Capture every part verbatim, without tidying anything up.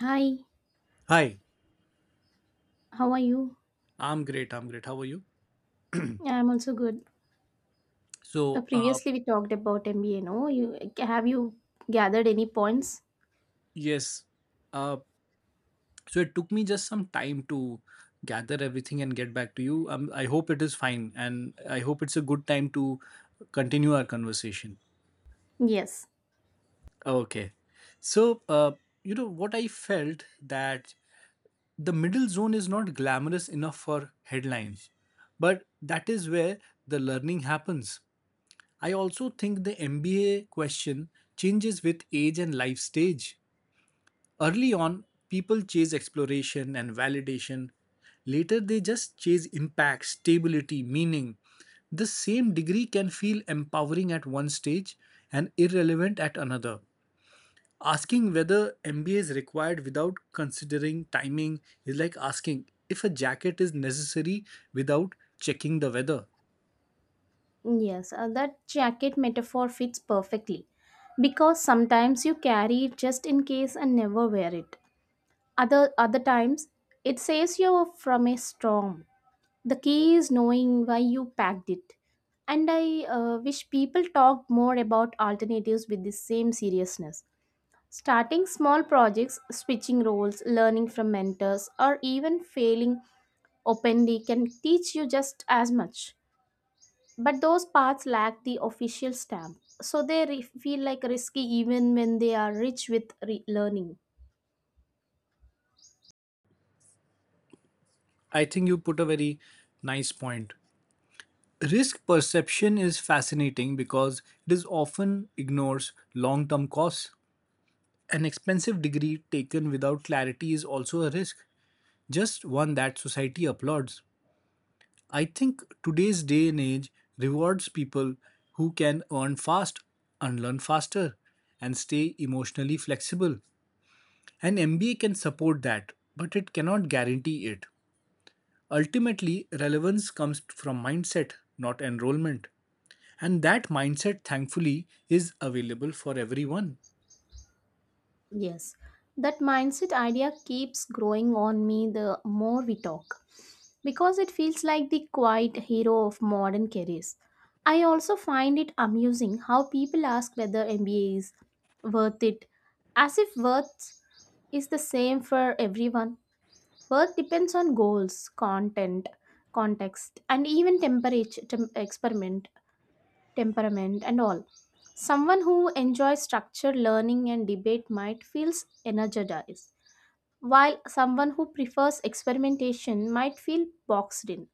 Hi, Hi, how are you? I'm great. I'm great. How are you? Yeah, I'm also good. Uh, So, uh, Previously, we talked about M B A. No, you have you gathered any points? yes, uh, so it took me just some time to gather everything and get back to you. Um, I hope it is fine, and I hope it's a good time to continue our conversation. Yes, Okay. So, uh, you know, what I felt that the middle zone is not glamorous enough for headlines, but that is where the learning happens. I also think the M B A question changes with age and life stage. Early on, people chase exploration and validation. Later, they just chase impact, stability, meaning. The same degree can feel empowering at one stage and irrelevant at another. Asking whether M B A is required without considering timing is like asking if a jacket is necessary without checking the weather. yes. Uh, that jacket metaphor fits perfectly because sometimes you carry it just in case and never wear it. Other other times, it says you're from a storm. The key is knowing why you packed it. And I uh, wish people talked more about alternatives with the same seriousness. Starting small projects, switching roles, learning from mentors, or even failing openly can teach you just as much. But those paths lack the official stamp, so they re- feel like risky even when they are rich with re- learning. I think you put a very nice point. Risk perception is fascinating because it is often ignores long term costs. An expensive degree taken without clarity is also a risk, just one that society applauds. I think today's day and age rewards people who can earn fast, unlearn faster, and stay emotionally flexible. An M B A can support that, but it cannot guarantee it. Ultimately, relevance comes from mindset, not enrollment. And that mindset, thankfully, is available for everyone. Yes, that mindset idea keeps growing on me the more we talk, because it feels like the quiet hero of modern careers. I also find it amusing how people ask whether M B A is worth it, as if worth is the same for everyone. Worth depends on goals, content, context, and even temperature, tem- experiment, temperament, and all. Someone who enjoys structure, learning, and debate might feel energized, while someone who prefers experimentation might feel boxed in.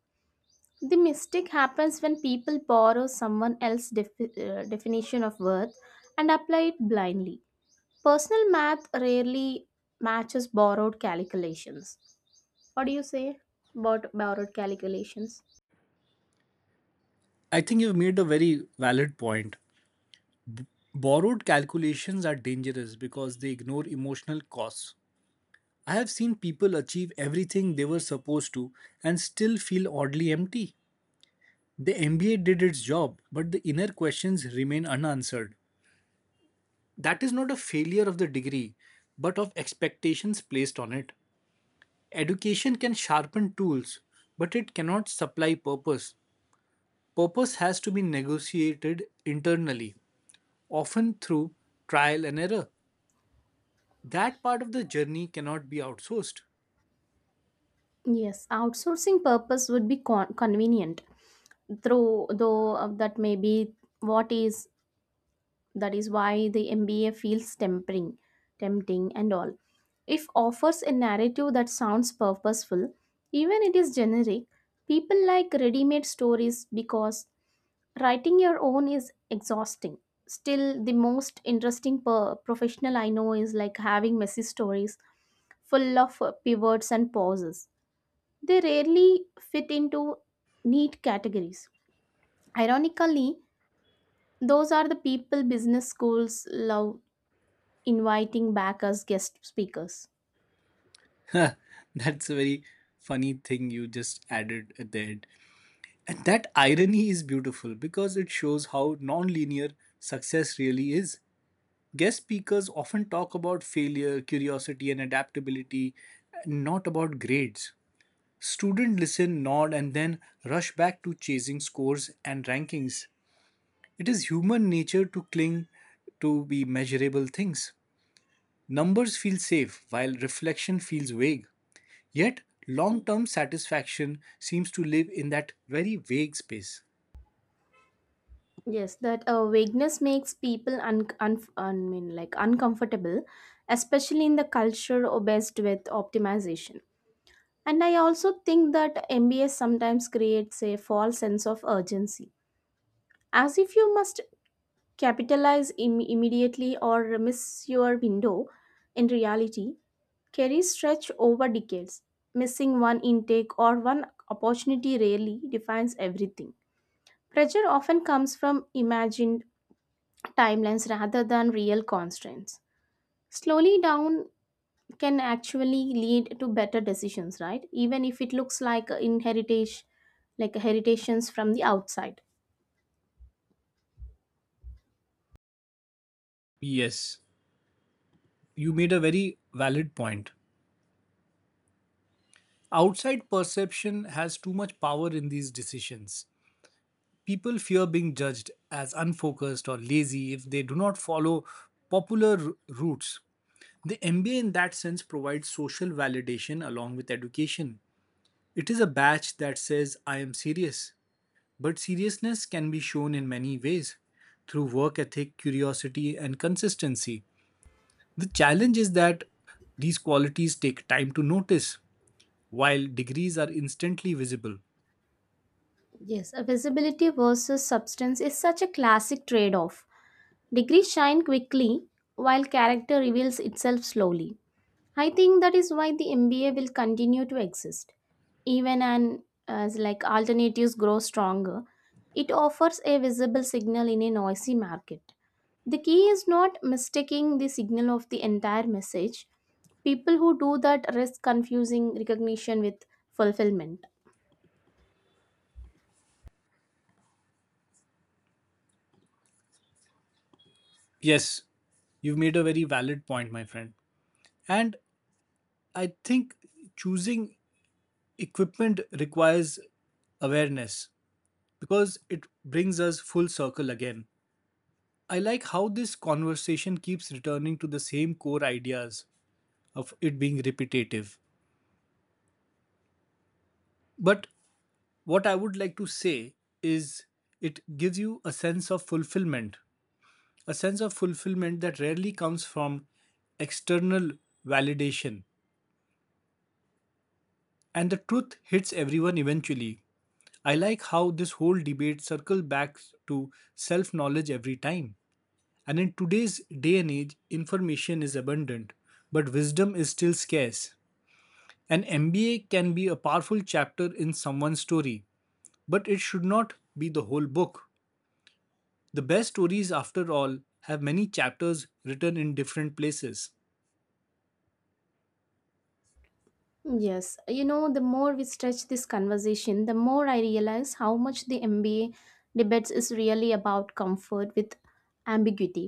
The mistake happens when people borrow someone else's defi- uh, definition of worth and apply it blindly. Personal math rarely matches borrowed calculations. What do you say about borrowed calculations? I think you've made a very valid point. Borrowed calculations are dangerous because they ignore emotional costs. I have seen people achieve everything they were supposed to and still feel oddly empty. The M B A did its job, but the inner questions remain unanswered. That is not a failure of the degree, but of expectations placed on it. Education can sharpen tools, but it cannot supply purpose. Purpose has to be negotiated internally, often through trial and error. That part of the journey cannot be outsourced. Yes, outsourcing purpose would be con- convenient, through though uh, that may be what is that is why the mba feels tempting tempting and all. If offers a narrative that sounds purposeful even it is generic. People like ready-made stories because writing your own is exhausting. Still, the most interesting per- professional I know is like having messy stories, full of uh, pivots and pauses. They rarely fit into neat categories. Ironically, those are the people business schools love inviting back as guest speakers. That's a very funny thing you just added at the end. And that irony is beautiful because it shows how non-linear success really is. Guest speakers often talk about failure, curiosity, and adaptability, not about grades. Students listen, nod, and then rush back to chasing scores and rankings. It is human nature to cling to be measurable things. Numbers feel safe, while reflection feels vague. Yet, long term satisfaction seems to live in that very vague space. Yes, that uh, vagueness makes people un- un- I mean, like uncomfortable, especially in the culture obsessed with optimization. And I also think that M B A sometimes creates a false sense of urgency, as if you must capitalize Im- immediately or miss your window. In reality, careers stretch over decades. Missing one intake or one opportunity rarely defines everything. Pressure often comes from imagined timelines rather than real constraints. Slowly down can actually lead to better decisions, right? Even if it looks like in heritage, like heritations from the outside. Yes, you made a very valid point. Outside perception has too much power in these decisions. People fear being judged as unfocused or lazy if they do not follow popular r- routes. The M B A, in that sense, provides social validation along with education. It is a badge that says, I am serious. But seriousness can be shown in many ways through work ethic, curiosity, and consistency. The challenge is that these qualities take time to notice, while degrees are instantly visible. Yes, a visibility versus substance is such a classic trade-off. Degrees shine quickly while character reveals itself slowly. I think that is why the M B A will continue to exist, even an, as like alternatives grow stronger. It offers a visible signal in a noisy market. The key is not mistaking the signal of the entire message. People who do that risk confusing recognition with fulfillment. Yes, you've made a very valid point, my friend. And I think choosing equipment requires awareness because it brings us full circle again. I like how this conversation keeps returning to the same core ideas of it being repetitive. But what I would like to say is it gives you a sense of fulfillment, a sense of fulfillment that rarely comes from external validation. And the truth hits everyone eventually. I like how this whole debate circles back to self knowledge every time. And in today's day and age, information is abundant, but wisdom is still scarce. An M B A can be a powerful chapter in someone's story, but it should not be the whole book. The best stories, after all, have many chapters written in different places. Yes, you know, the more we stretch this conversation the more I realize how much the mba debates is really about comfort with ambiguity.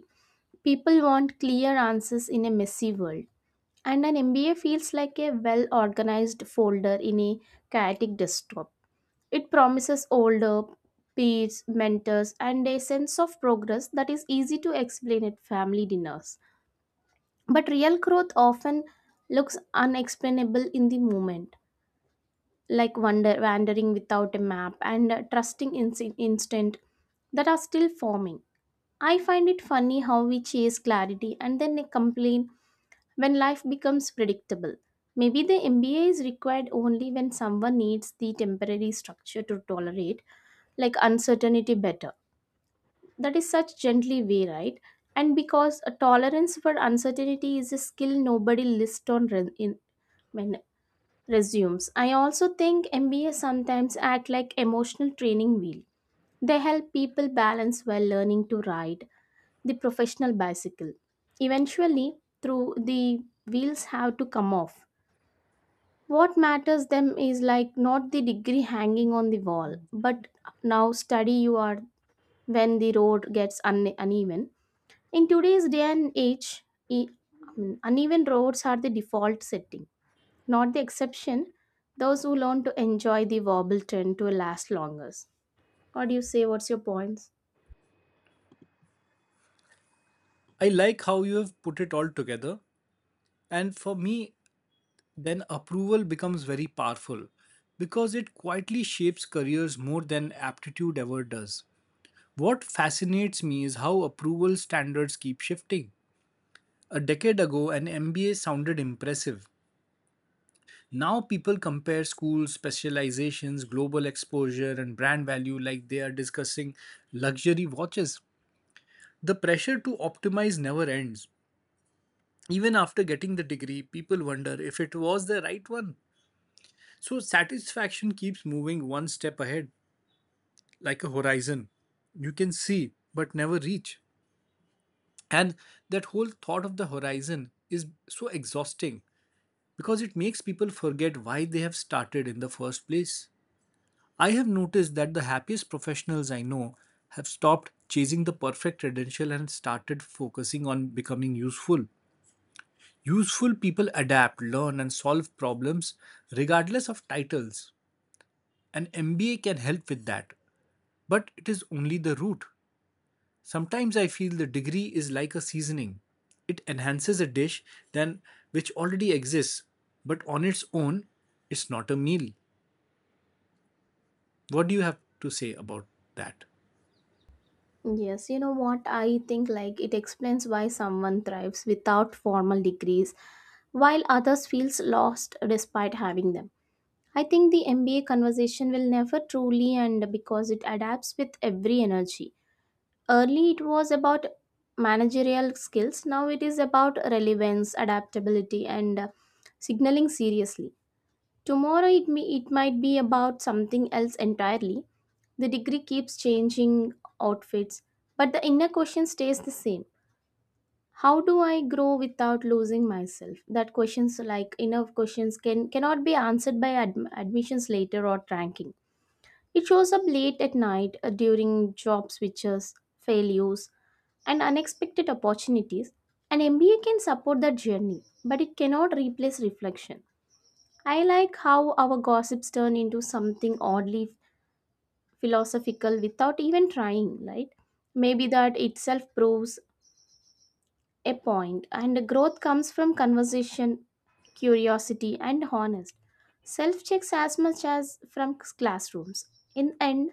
People want clear answers in a messy world. And an M B A feels like a well organized folder in a chaotic desktop. It promises older peers, mentors, and a sense of progress that is easy to explain at family dinners. But real growth often looks unexplainable in the moment, like wander- wandering without a map and uh, trusting in instant that are still forming. I find it funny how we chase clarity and then complain when life becomes predictable. Maybe the M B A is required only when someone needs the temporary structure to tolerate, like uncertainty better. That is such gently way, right? And because a tolerance for uncertainty is a skill nobody lists on re- in, when resumes. I also think M B A sometimes act like emotional training wheel. They help people balance while learning to ride the professional bicycle. Eventually, through, the wheels have to come off. What matters them is like not the degree hanging on the wall, but now study you are when the road gets un- uneven. In today's day and age, e- I mean, uneven roads are the default setting, not the exception. Those who learn to enjoy the wobble tend to last longer. What do you say? What's your points? I like how you have put it all together, and for me, then approval becomes very powerful because it quietly shapes careers more than aptitude ever does. What fascinates me is how approval standards keep shifting. A decade ago, an M B A sounded impressive. Now, people compare schools, specializations, global exposure, and brand value like they are discussing luxury watches. The pressure to optimize never ends. Even after getting the degree, people wonder if it was the right one. So, satisfaction keeps moving one step ahead, like a horizon. You can see, but never reach. And that whole thought of the horizon is so exhausting because it makes people forget why they have started in the first place. I have noticed that the happiest professionals I know have stopped chasing the perfect credential and started focusing on becoming useful. Useful people adapt, learn, and solve problems regardless of titles. An M B A can help with that, but it is only the root. Sometimes I feel the degree is like a seasoning. It enhances a dish than which already exists, but on its own, it's not a meal. What do you have to say about that? Yes, you know what? I think like it explains why someone thrives without formal degrees while others feels lost despite having them. I think the M B A conversation will never truly end because it adapts with every energy. Early it was about managerial skills, now it is about relevance, adaptability and uh, signaling seriously. Tomorrow it may, it might be about something else entirely. The degree keeps changing outfits, but the inner question stays the same. How do I grow without losing myself? That questions like inner questions can cannot be answered by adm- admissions later or ranking. It shows up late at night uh, during job switches, failures, and unexpected opportunities. An M B A can support that journey, but it cannot replace reflection. I like how our gossips turn into something oddly philosophical without even trying, right? Maybe that itself proves a point, and growth comes from conversation, curiosity, and honest self checks as much as from classrooms. In end,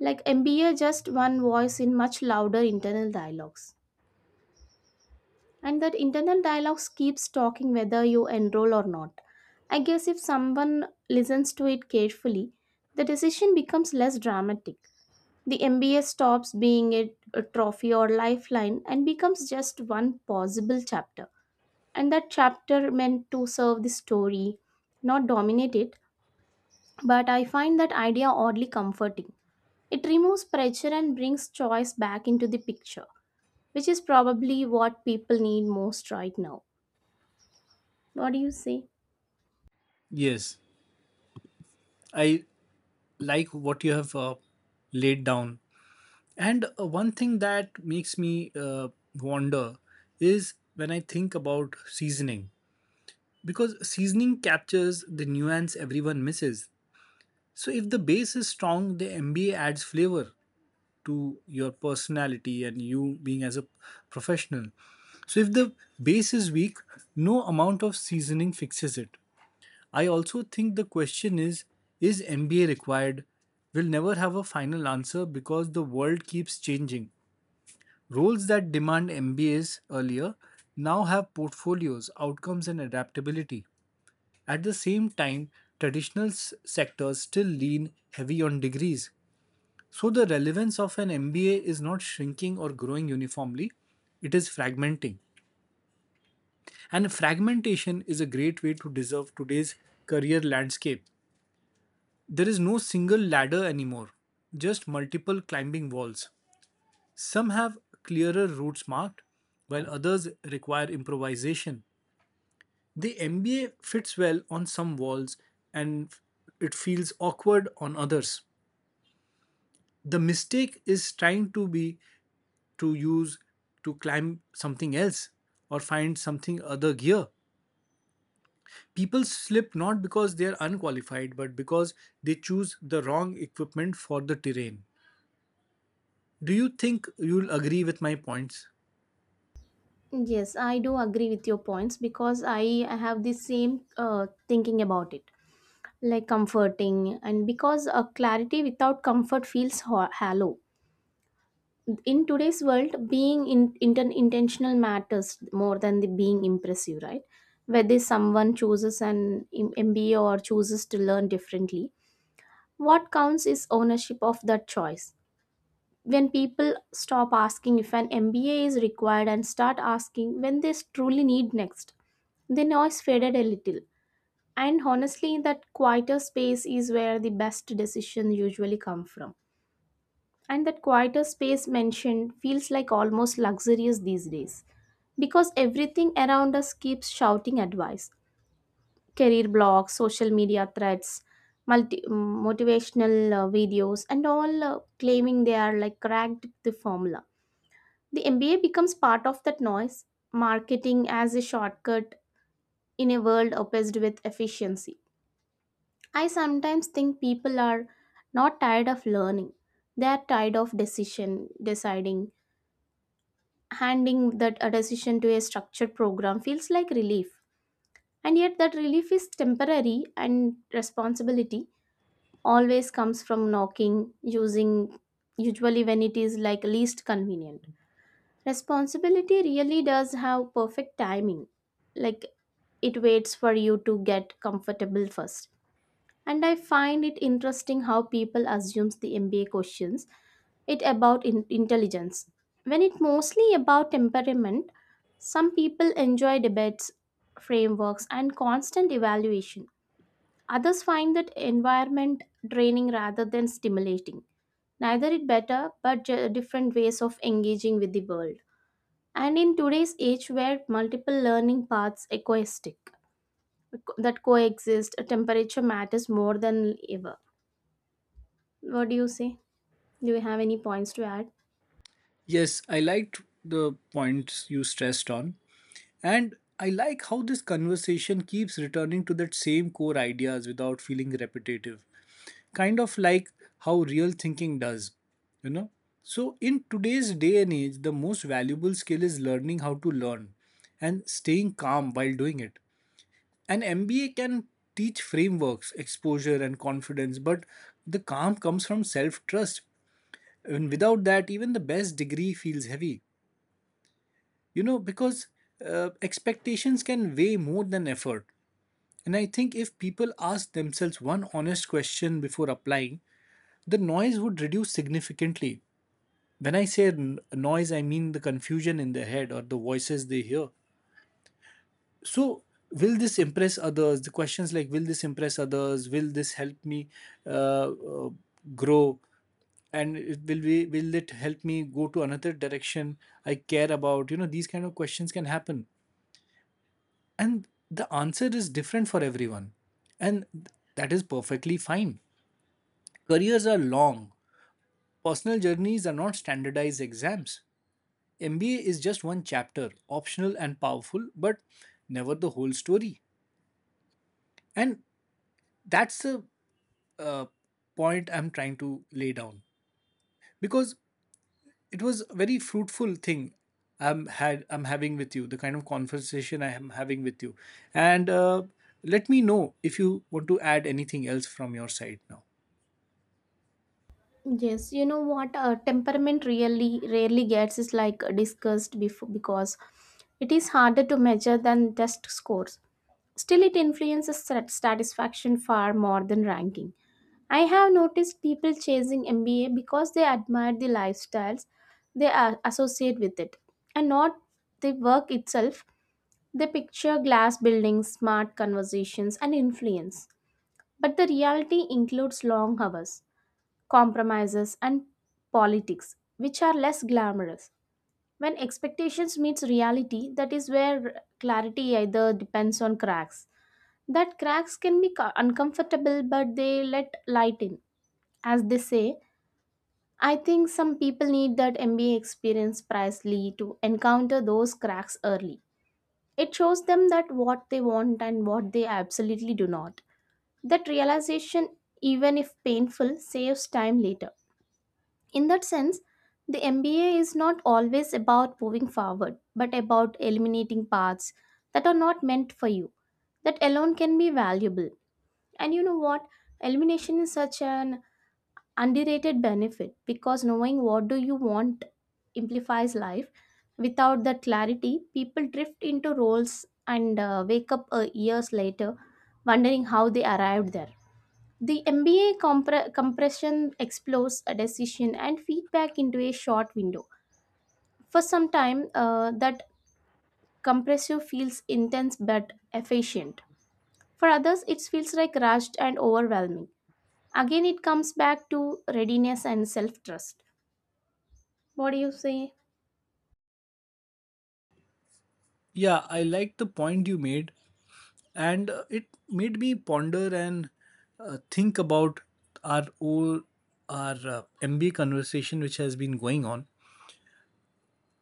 like M B A, just one voice in much louder internal dialogues, and that internal dialogues keeps talking whether you enroll or not. I guess if someone listens to it carefully, the decision becomes less dramatic. The M B A stops being a, a trophy or lifeline and becomes just one possible chapter. And that chapter meant to serve the story, not dominate it. But I find that idea oddly comforting. It removes pressure and brings choice back into the picture, which is probably what people need most right now. What do you say? Yes, I like what you have uh, laid down. And uh, one thing that makes me uh, wonder is when I think about seasoning, because seasoning captures the nuance everyone misses. So if the base is strong, the M B A adds flavor to your personality and you being as a professional. So if the base is weak, no amount of seasoning fixes it. I also think the question is is M B A required? Will never have a final answer because the world keeps changing. Roles that demand M B As earlier now have portfolios, outcomes, and adaptability. At the same time, traditional s- sectors still lean heavy on degrees. So the relevance of an M B A is not shrinking or growing uniformly, it is fragmenting. And fragmentation is a great way to deserve today's career landscape. There is no single ladder anymore, just multiple climbing walls. Some have clearer routes marked, while others require improvisation. The M B A fits well on some walls and it feels awkward on others. The mistake is trying to be to use to climb something else or find something other gear. People slip not because they are unqualified but because they choose the wrong equipment for the terrain. Do you think you'll agree with my points? Yes, I do agree with your points because I have the same uh, thinking about it, like comforting, and because a clarity without comfort feels ho- hollow. In today's world being in, inten- intentional matters more than the being impressive, right? Whether someone chooses an M- mba or chooses to learn differently, what counts is ownership of that choice. When people stop asking if an mba is required and start asking when they truly need next, the noise faded a little. And honestly, that quieter space is where the best decisions usually come from. And that quieter space mentioned feels like almost luxurious these days because everything around us keeps shouting advice: career blogs, social media threads, multi- mm, motivational uh, videos, and all uh, claiming they are like cracked the formula. The M B A becomes part of that noise, marketing as a shortcut in a world obsessed with efficiency. I sometimes think people are not tired of learning. They are tired of decision deciding. Handing that a decision to a structured program feels like relief. And yet that relief is temporary, and responsibility always comes from knocking, using usually when it is like least convenient. Responsibility really does have perfect timing. Like, it waits for you to get comfortable first. And I find it interesting how people assumes the mba questions it about in- intelligence when it mostly about temperament. Some people enjoy debates, frameworks and constant evaluation. Others find that environment draining rather than stimulating. Neither it better, but ju- different ways of engaging with the world. And in today's age where multiple learning paths equistic that coexist, temperature matters more than ever. What do you say? Do you have any points to add? Yes, I liked the points you stressed on. And I like how this conversation keeps returning to that same core ideas without feeling repetitive, kind of like how real thinking does, you know. So, in today's day and age, the most valuable skill is learning how to learn and staying calm while doing it. An M B A can teach frameworks, exposure, and confidence, but the calm comes from self trust. And without that, even the best degree feels heavy, you know, because uh, expectations can weigh more than effort. And I think if people ask themselves one honest question before applying, the noise would reduce significantly. When I say n- noise, I mean the confusion in their head or the voices they hear. So, will this impress others? The questions like, will this impress others? Will this help me uh, uh, grow? And it will be will it help me go to another direction I care about you know These kind of questions can happen, and the answer is different for everyone. And th- that is perfectly fine. Careers are long. Personal journeys are not standardized exams. M B A is just one chapter, optional and powerful, but never the whole story. And that's the uh, point I'm trying to lay down because it was a very fruitful thing I'm had I'm having with you, the kind of conversation I am having with you. And uh, let me know if you want to add anything else from your side now. Yes, you know what, uh, temperament really rarely gets is like discussed before because it is harder to measure than test scores. Still, it influences sat- satisfaction far more than ranking. I have noticed people chasing M B A because they admire the lifestyles they are associate with it and not the work itself. They picture glass buildings, smart conversations, and influence. But the reality includes long hours, compromises, and politics, which are less glamorous. When expectations meets reality, that is where clarity either depends on cracks. That cracks can be co- uncomfortable, but they let light in. As they say, I think some people need that M B A experience pricelessly to encounter those cracks early. It shows them that what they want and what they absolutely do not. That realization, even if painful, saves time later. In that sense, the M B A is not always about moving forward, but about eliminating paths that are not meant for you. That alone can be valuable. And you know what? Elimination is such an underrated benefit because knowing what do you want amplifies life. Without that clarity, people drift into roles and uh, wake up uh, years later wondering how they arrived there. The M B A compre- compression explores a decision and feedback into a short window. For some time, uh, that compressive feels intense but efficient. For others, it feels like rushed and overwhelming. Again, it comes back to readiness and self trust. What do you say? Yeah, I like the point you made and uh, it made me ponder and uh, think about our whole our uh, M B A conversation which has been going on.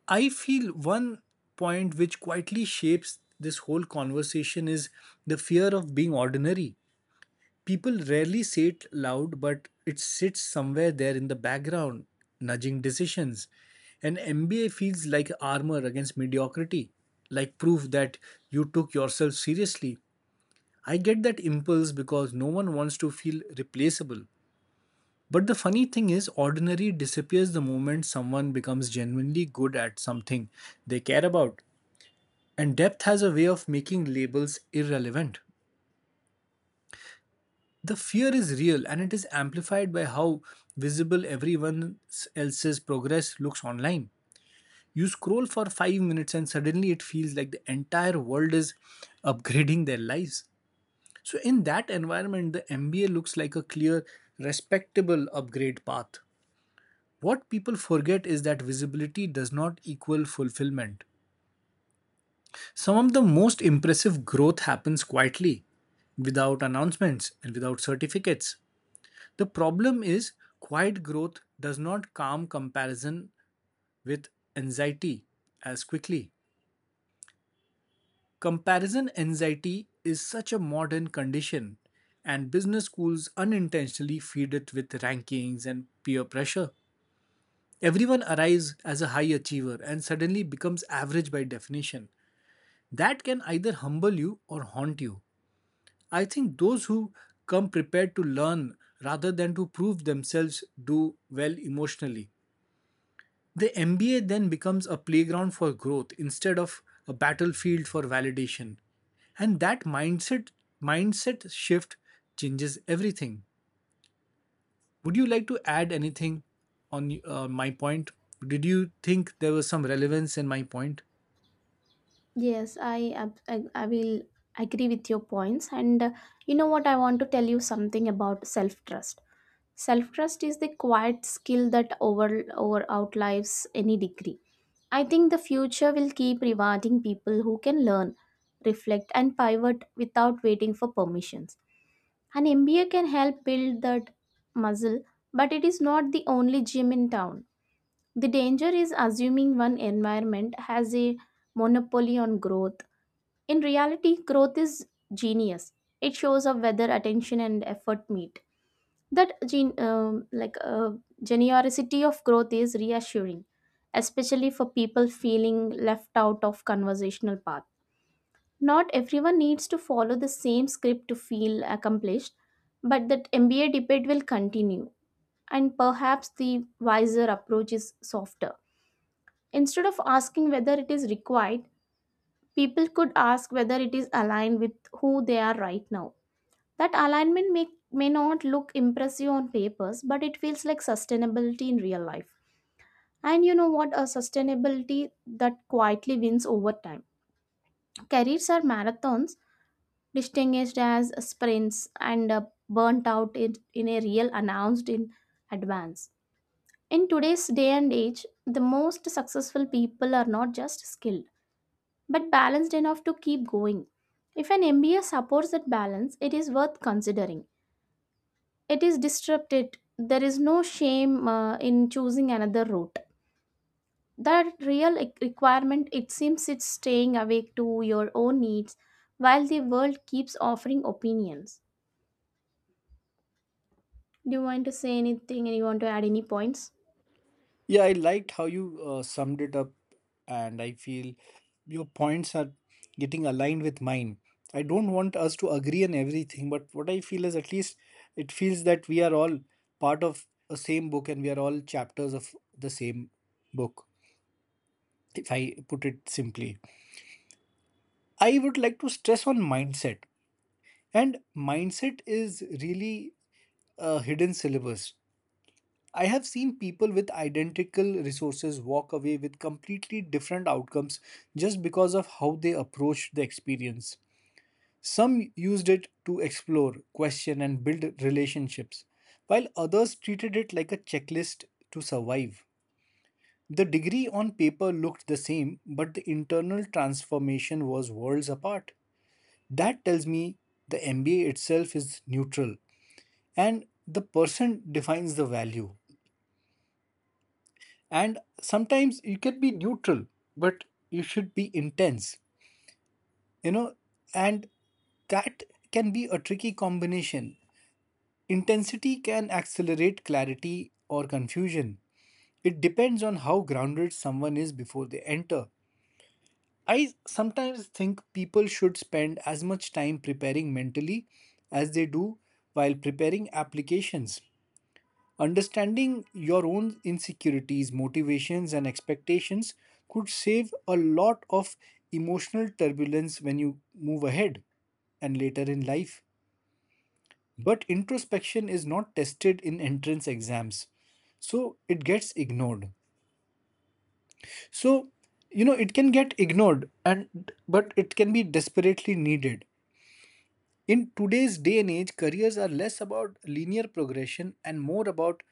I feel one point which quietly shapes this whole conversation is the fear of being ordinary. People rarely say it loud, but it sits somewhere there in the background, nudging decisions. An M B A feels like armor against mediocrity, like proof that you took yourself seriously. I get that impulse because no one wants to feel replaceable. But the funny thing is, ordinary disappears the moment someone becomes genuinely good at something they care about. And depth has a way of making labels irrelevant. The fear is real and it is amplified by how visible everyone else's progress looks online. You scroll for five minutes and suddenly it feels like the entire world is upgrading their lives. So, in that environment, the M B A looks like a clear, respectable upgrade path. What people forget is that visibility does not equal fulfillment. Some of the most impressive growth happens quietly, without announcements and without certificates. The problem is, quiet growth does not calm comparison with anxiety as quickly. Comparison anxiety is such a modern condition, and business schools unintentionally feed it with rankings and peer pressure. Everyone arrives as a high achiever and suddenly becomes average by definition. That can either humble you or haunt you. I think those who come prepared to learn rather than to prove themselves do well emotionally. The M B A then becomes a playground for growth instead of a battlefield for validation. And that mindset mindset shift changes everything. Would you like to add anything on uh, my point? Did you think there was some relevance in my point? Yes, I, ab- I, I will agree with your points. And uh, you know what? I want to tell you something about self trust. Self trust is the quiet skill that over, over outlives any degree. I think the future will keep rewarding people who can learn, reflect, and pivot without waiting for permissions. An M B A can help build that muscle, but it is not the only gym in town. The danger is assuming one environment has a monopoly on growth. In reality, growth is genius. It shows up whether attention and effort meet. That gen- um, like uh, Generosity of growth is reassuring, especially for people feeling left out of conversational path. Not everyone needs to follow the same script to feel accomplished, but that M B A debate will continue, and perhaps the wiser approach is softer. Instead of asking whether it is required, people could ask whether it is aligned with who they are right now. That alignment may, may not look impressive on papers, but it feels like sustainability in real life. And you know what? A sustainability that quietly wins over time. Careers are marathons, distinguished as sprints and uh, burnt out in, in a real announced in advance. In today's day and age, the most successful people are not just skilled, but balanced enough to keep going. If an M B A supports that balance, it is worth considering. It is disrupted. There is no shame uh, in choosing another route. That real e- requirement, it seems, it's staying awake to your own needs while the world keeps offering opinions. Do you want to say anything, and you want to add any points? Yeah, I liked how you uh, summed it up, and I feel your points are getting aligned with mine. I don't want us to agree on everything, but what I feel is at least it feels that we are all part of a same book and we are all chapters of the same book, if I put it simply. I would like to stress on mindset, and mindset is really a hidden syllabus. I have seen people with identical resources walk away with completely different outcomes just because of how they approached the experience. Some used it to explore, question, and build relationships, while others treated it like a checklist to survive. The degree on paper looked the same, but the internal transformation was worlds apart. That tells me the M B A itself is neutral and the person defines the value. And sometimes you can be neutral, but you should be intense you know and that can be a tricky combination. Intensity can accelerate clarity or confusion. It depends on how grounded someone is before they enter. I sometimes think people should spend as much time preparing mentally as they do while preparing applications. Understanding your own insecurities, motivations, and expectations could save a lot of emotional turbulence when you move ahead and later in life. But introspection is not tested in entrance exams, so it gets ignored. So, you know, it can get ignored, and but it can be desperately needed. In today's day and age, careers are less about linear progression and more about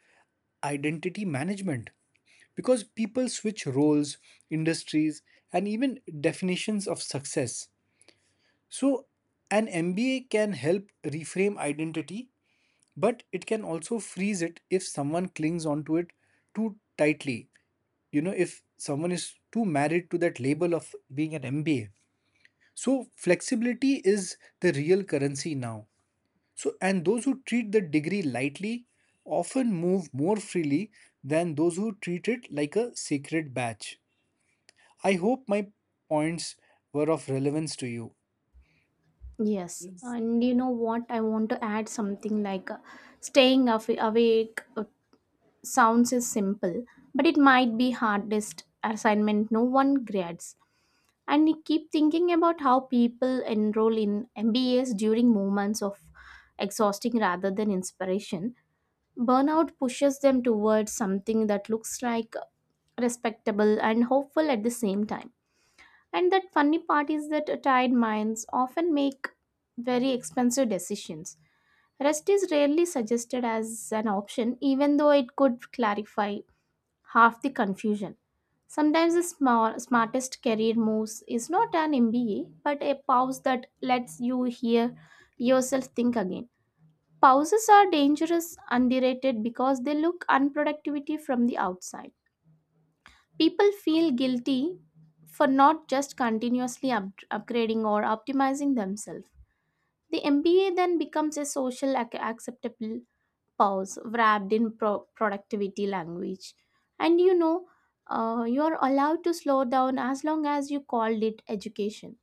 identity management because people switch roles, industries, and even definitions of success. So, an M B A can help reframe identity, but it can also freeze it if someone clings onto it too tightly. You know, if someone is too married to that label of being an M B A. So, flexibility is the real currency now. So, and those who treat the degree lightly often move more freely than those who treat it like a sacred badge. I hope my points were of relevance to you. Yes. And you know what? I want to add something like uh, staying awa- awake uh, sounds is simple, but it might be hardest assignment no one grades. And I keep thinking about how people enroll in M B As during moments of exhausting rather than inspiration. Burnout pushes them towards something that looks like respectable and hopeful at the same time. And that funny part is that tired minds often make very expensive decisions. Rest is rarely suggested as an option, even though it could clarify half the confusion. Sometimes the small, smartest career moves is not an M B A, but a pause that lets you hear yourself think again. Pauses are dangerous, underrated because they look unproductivity from the outside. People feel guilty for not just continuously up- upgrading or optimizing themselves. The M B A then becomes a social ac- acceptable pause wrapped in pro- productivity language. And you know, uh, you're allowed to slow down as long as you called it education.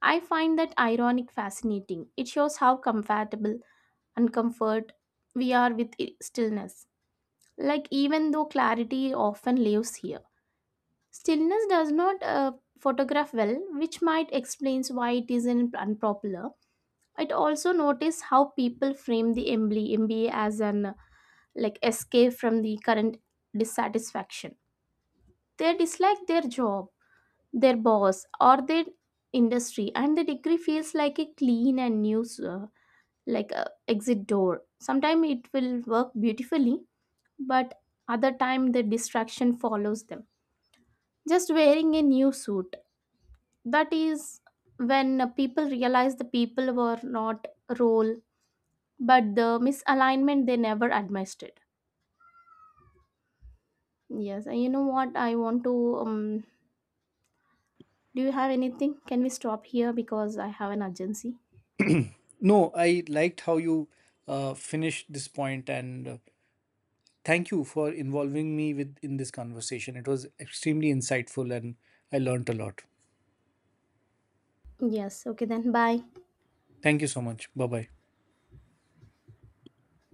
I find that ironic fascinating. It shows how compatible and comfort we are with i- stillness. Like, even though clarity often lives here, stillness does not uh, photograph well, which might explains why it isn't unpopular. It also notice how people frame the M B A, M B A as an like escape from the current dissatisfaction. They dislike their job, their boss, or their industry, and the degree feels like a clean and new, uh, like a exit door. Sometimes it will work beautifully, but other time the distraction follows them. Just wearing a new suit. That is when uh, people realize the people were not role, but the misalignment they never administered. Yes, and you know what? I want to um, Do you have anything? Can we stop here because I have an urgency? No, I liked how you uh, finished this point, and uh, thank you for involving me with in this conversation. It was extremely insightful, and I learnt a lot. Yes, okay then. Bye. Thank you so much. Bye bye.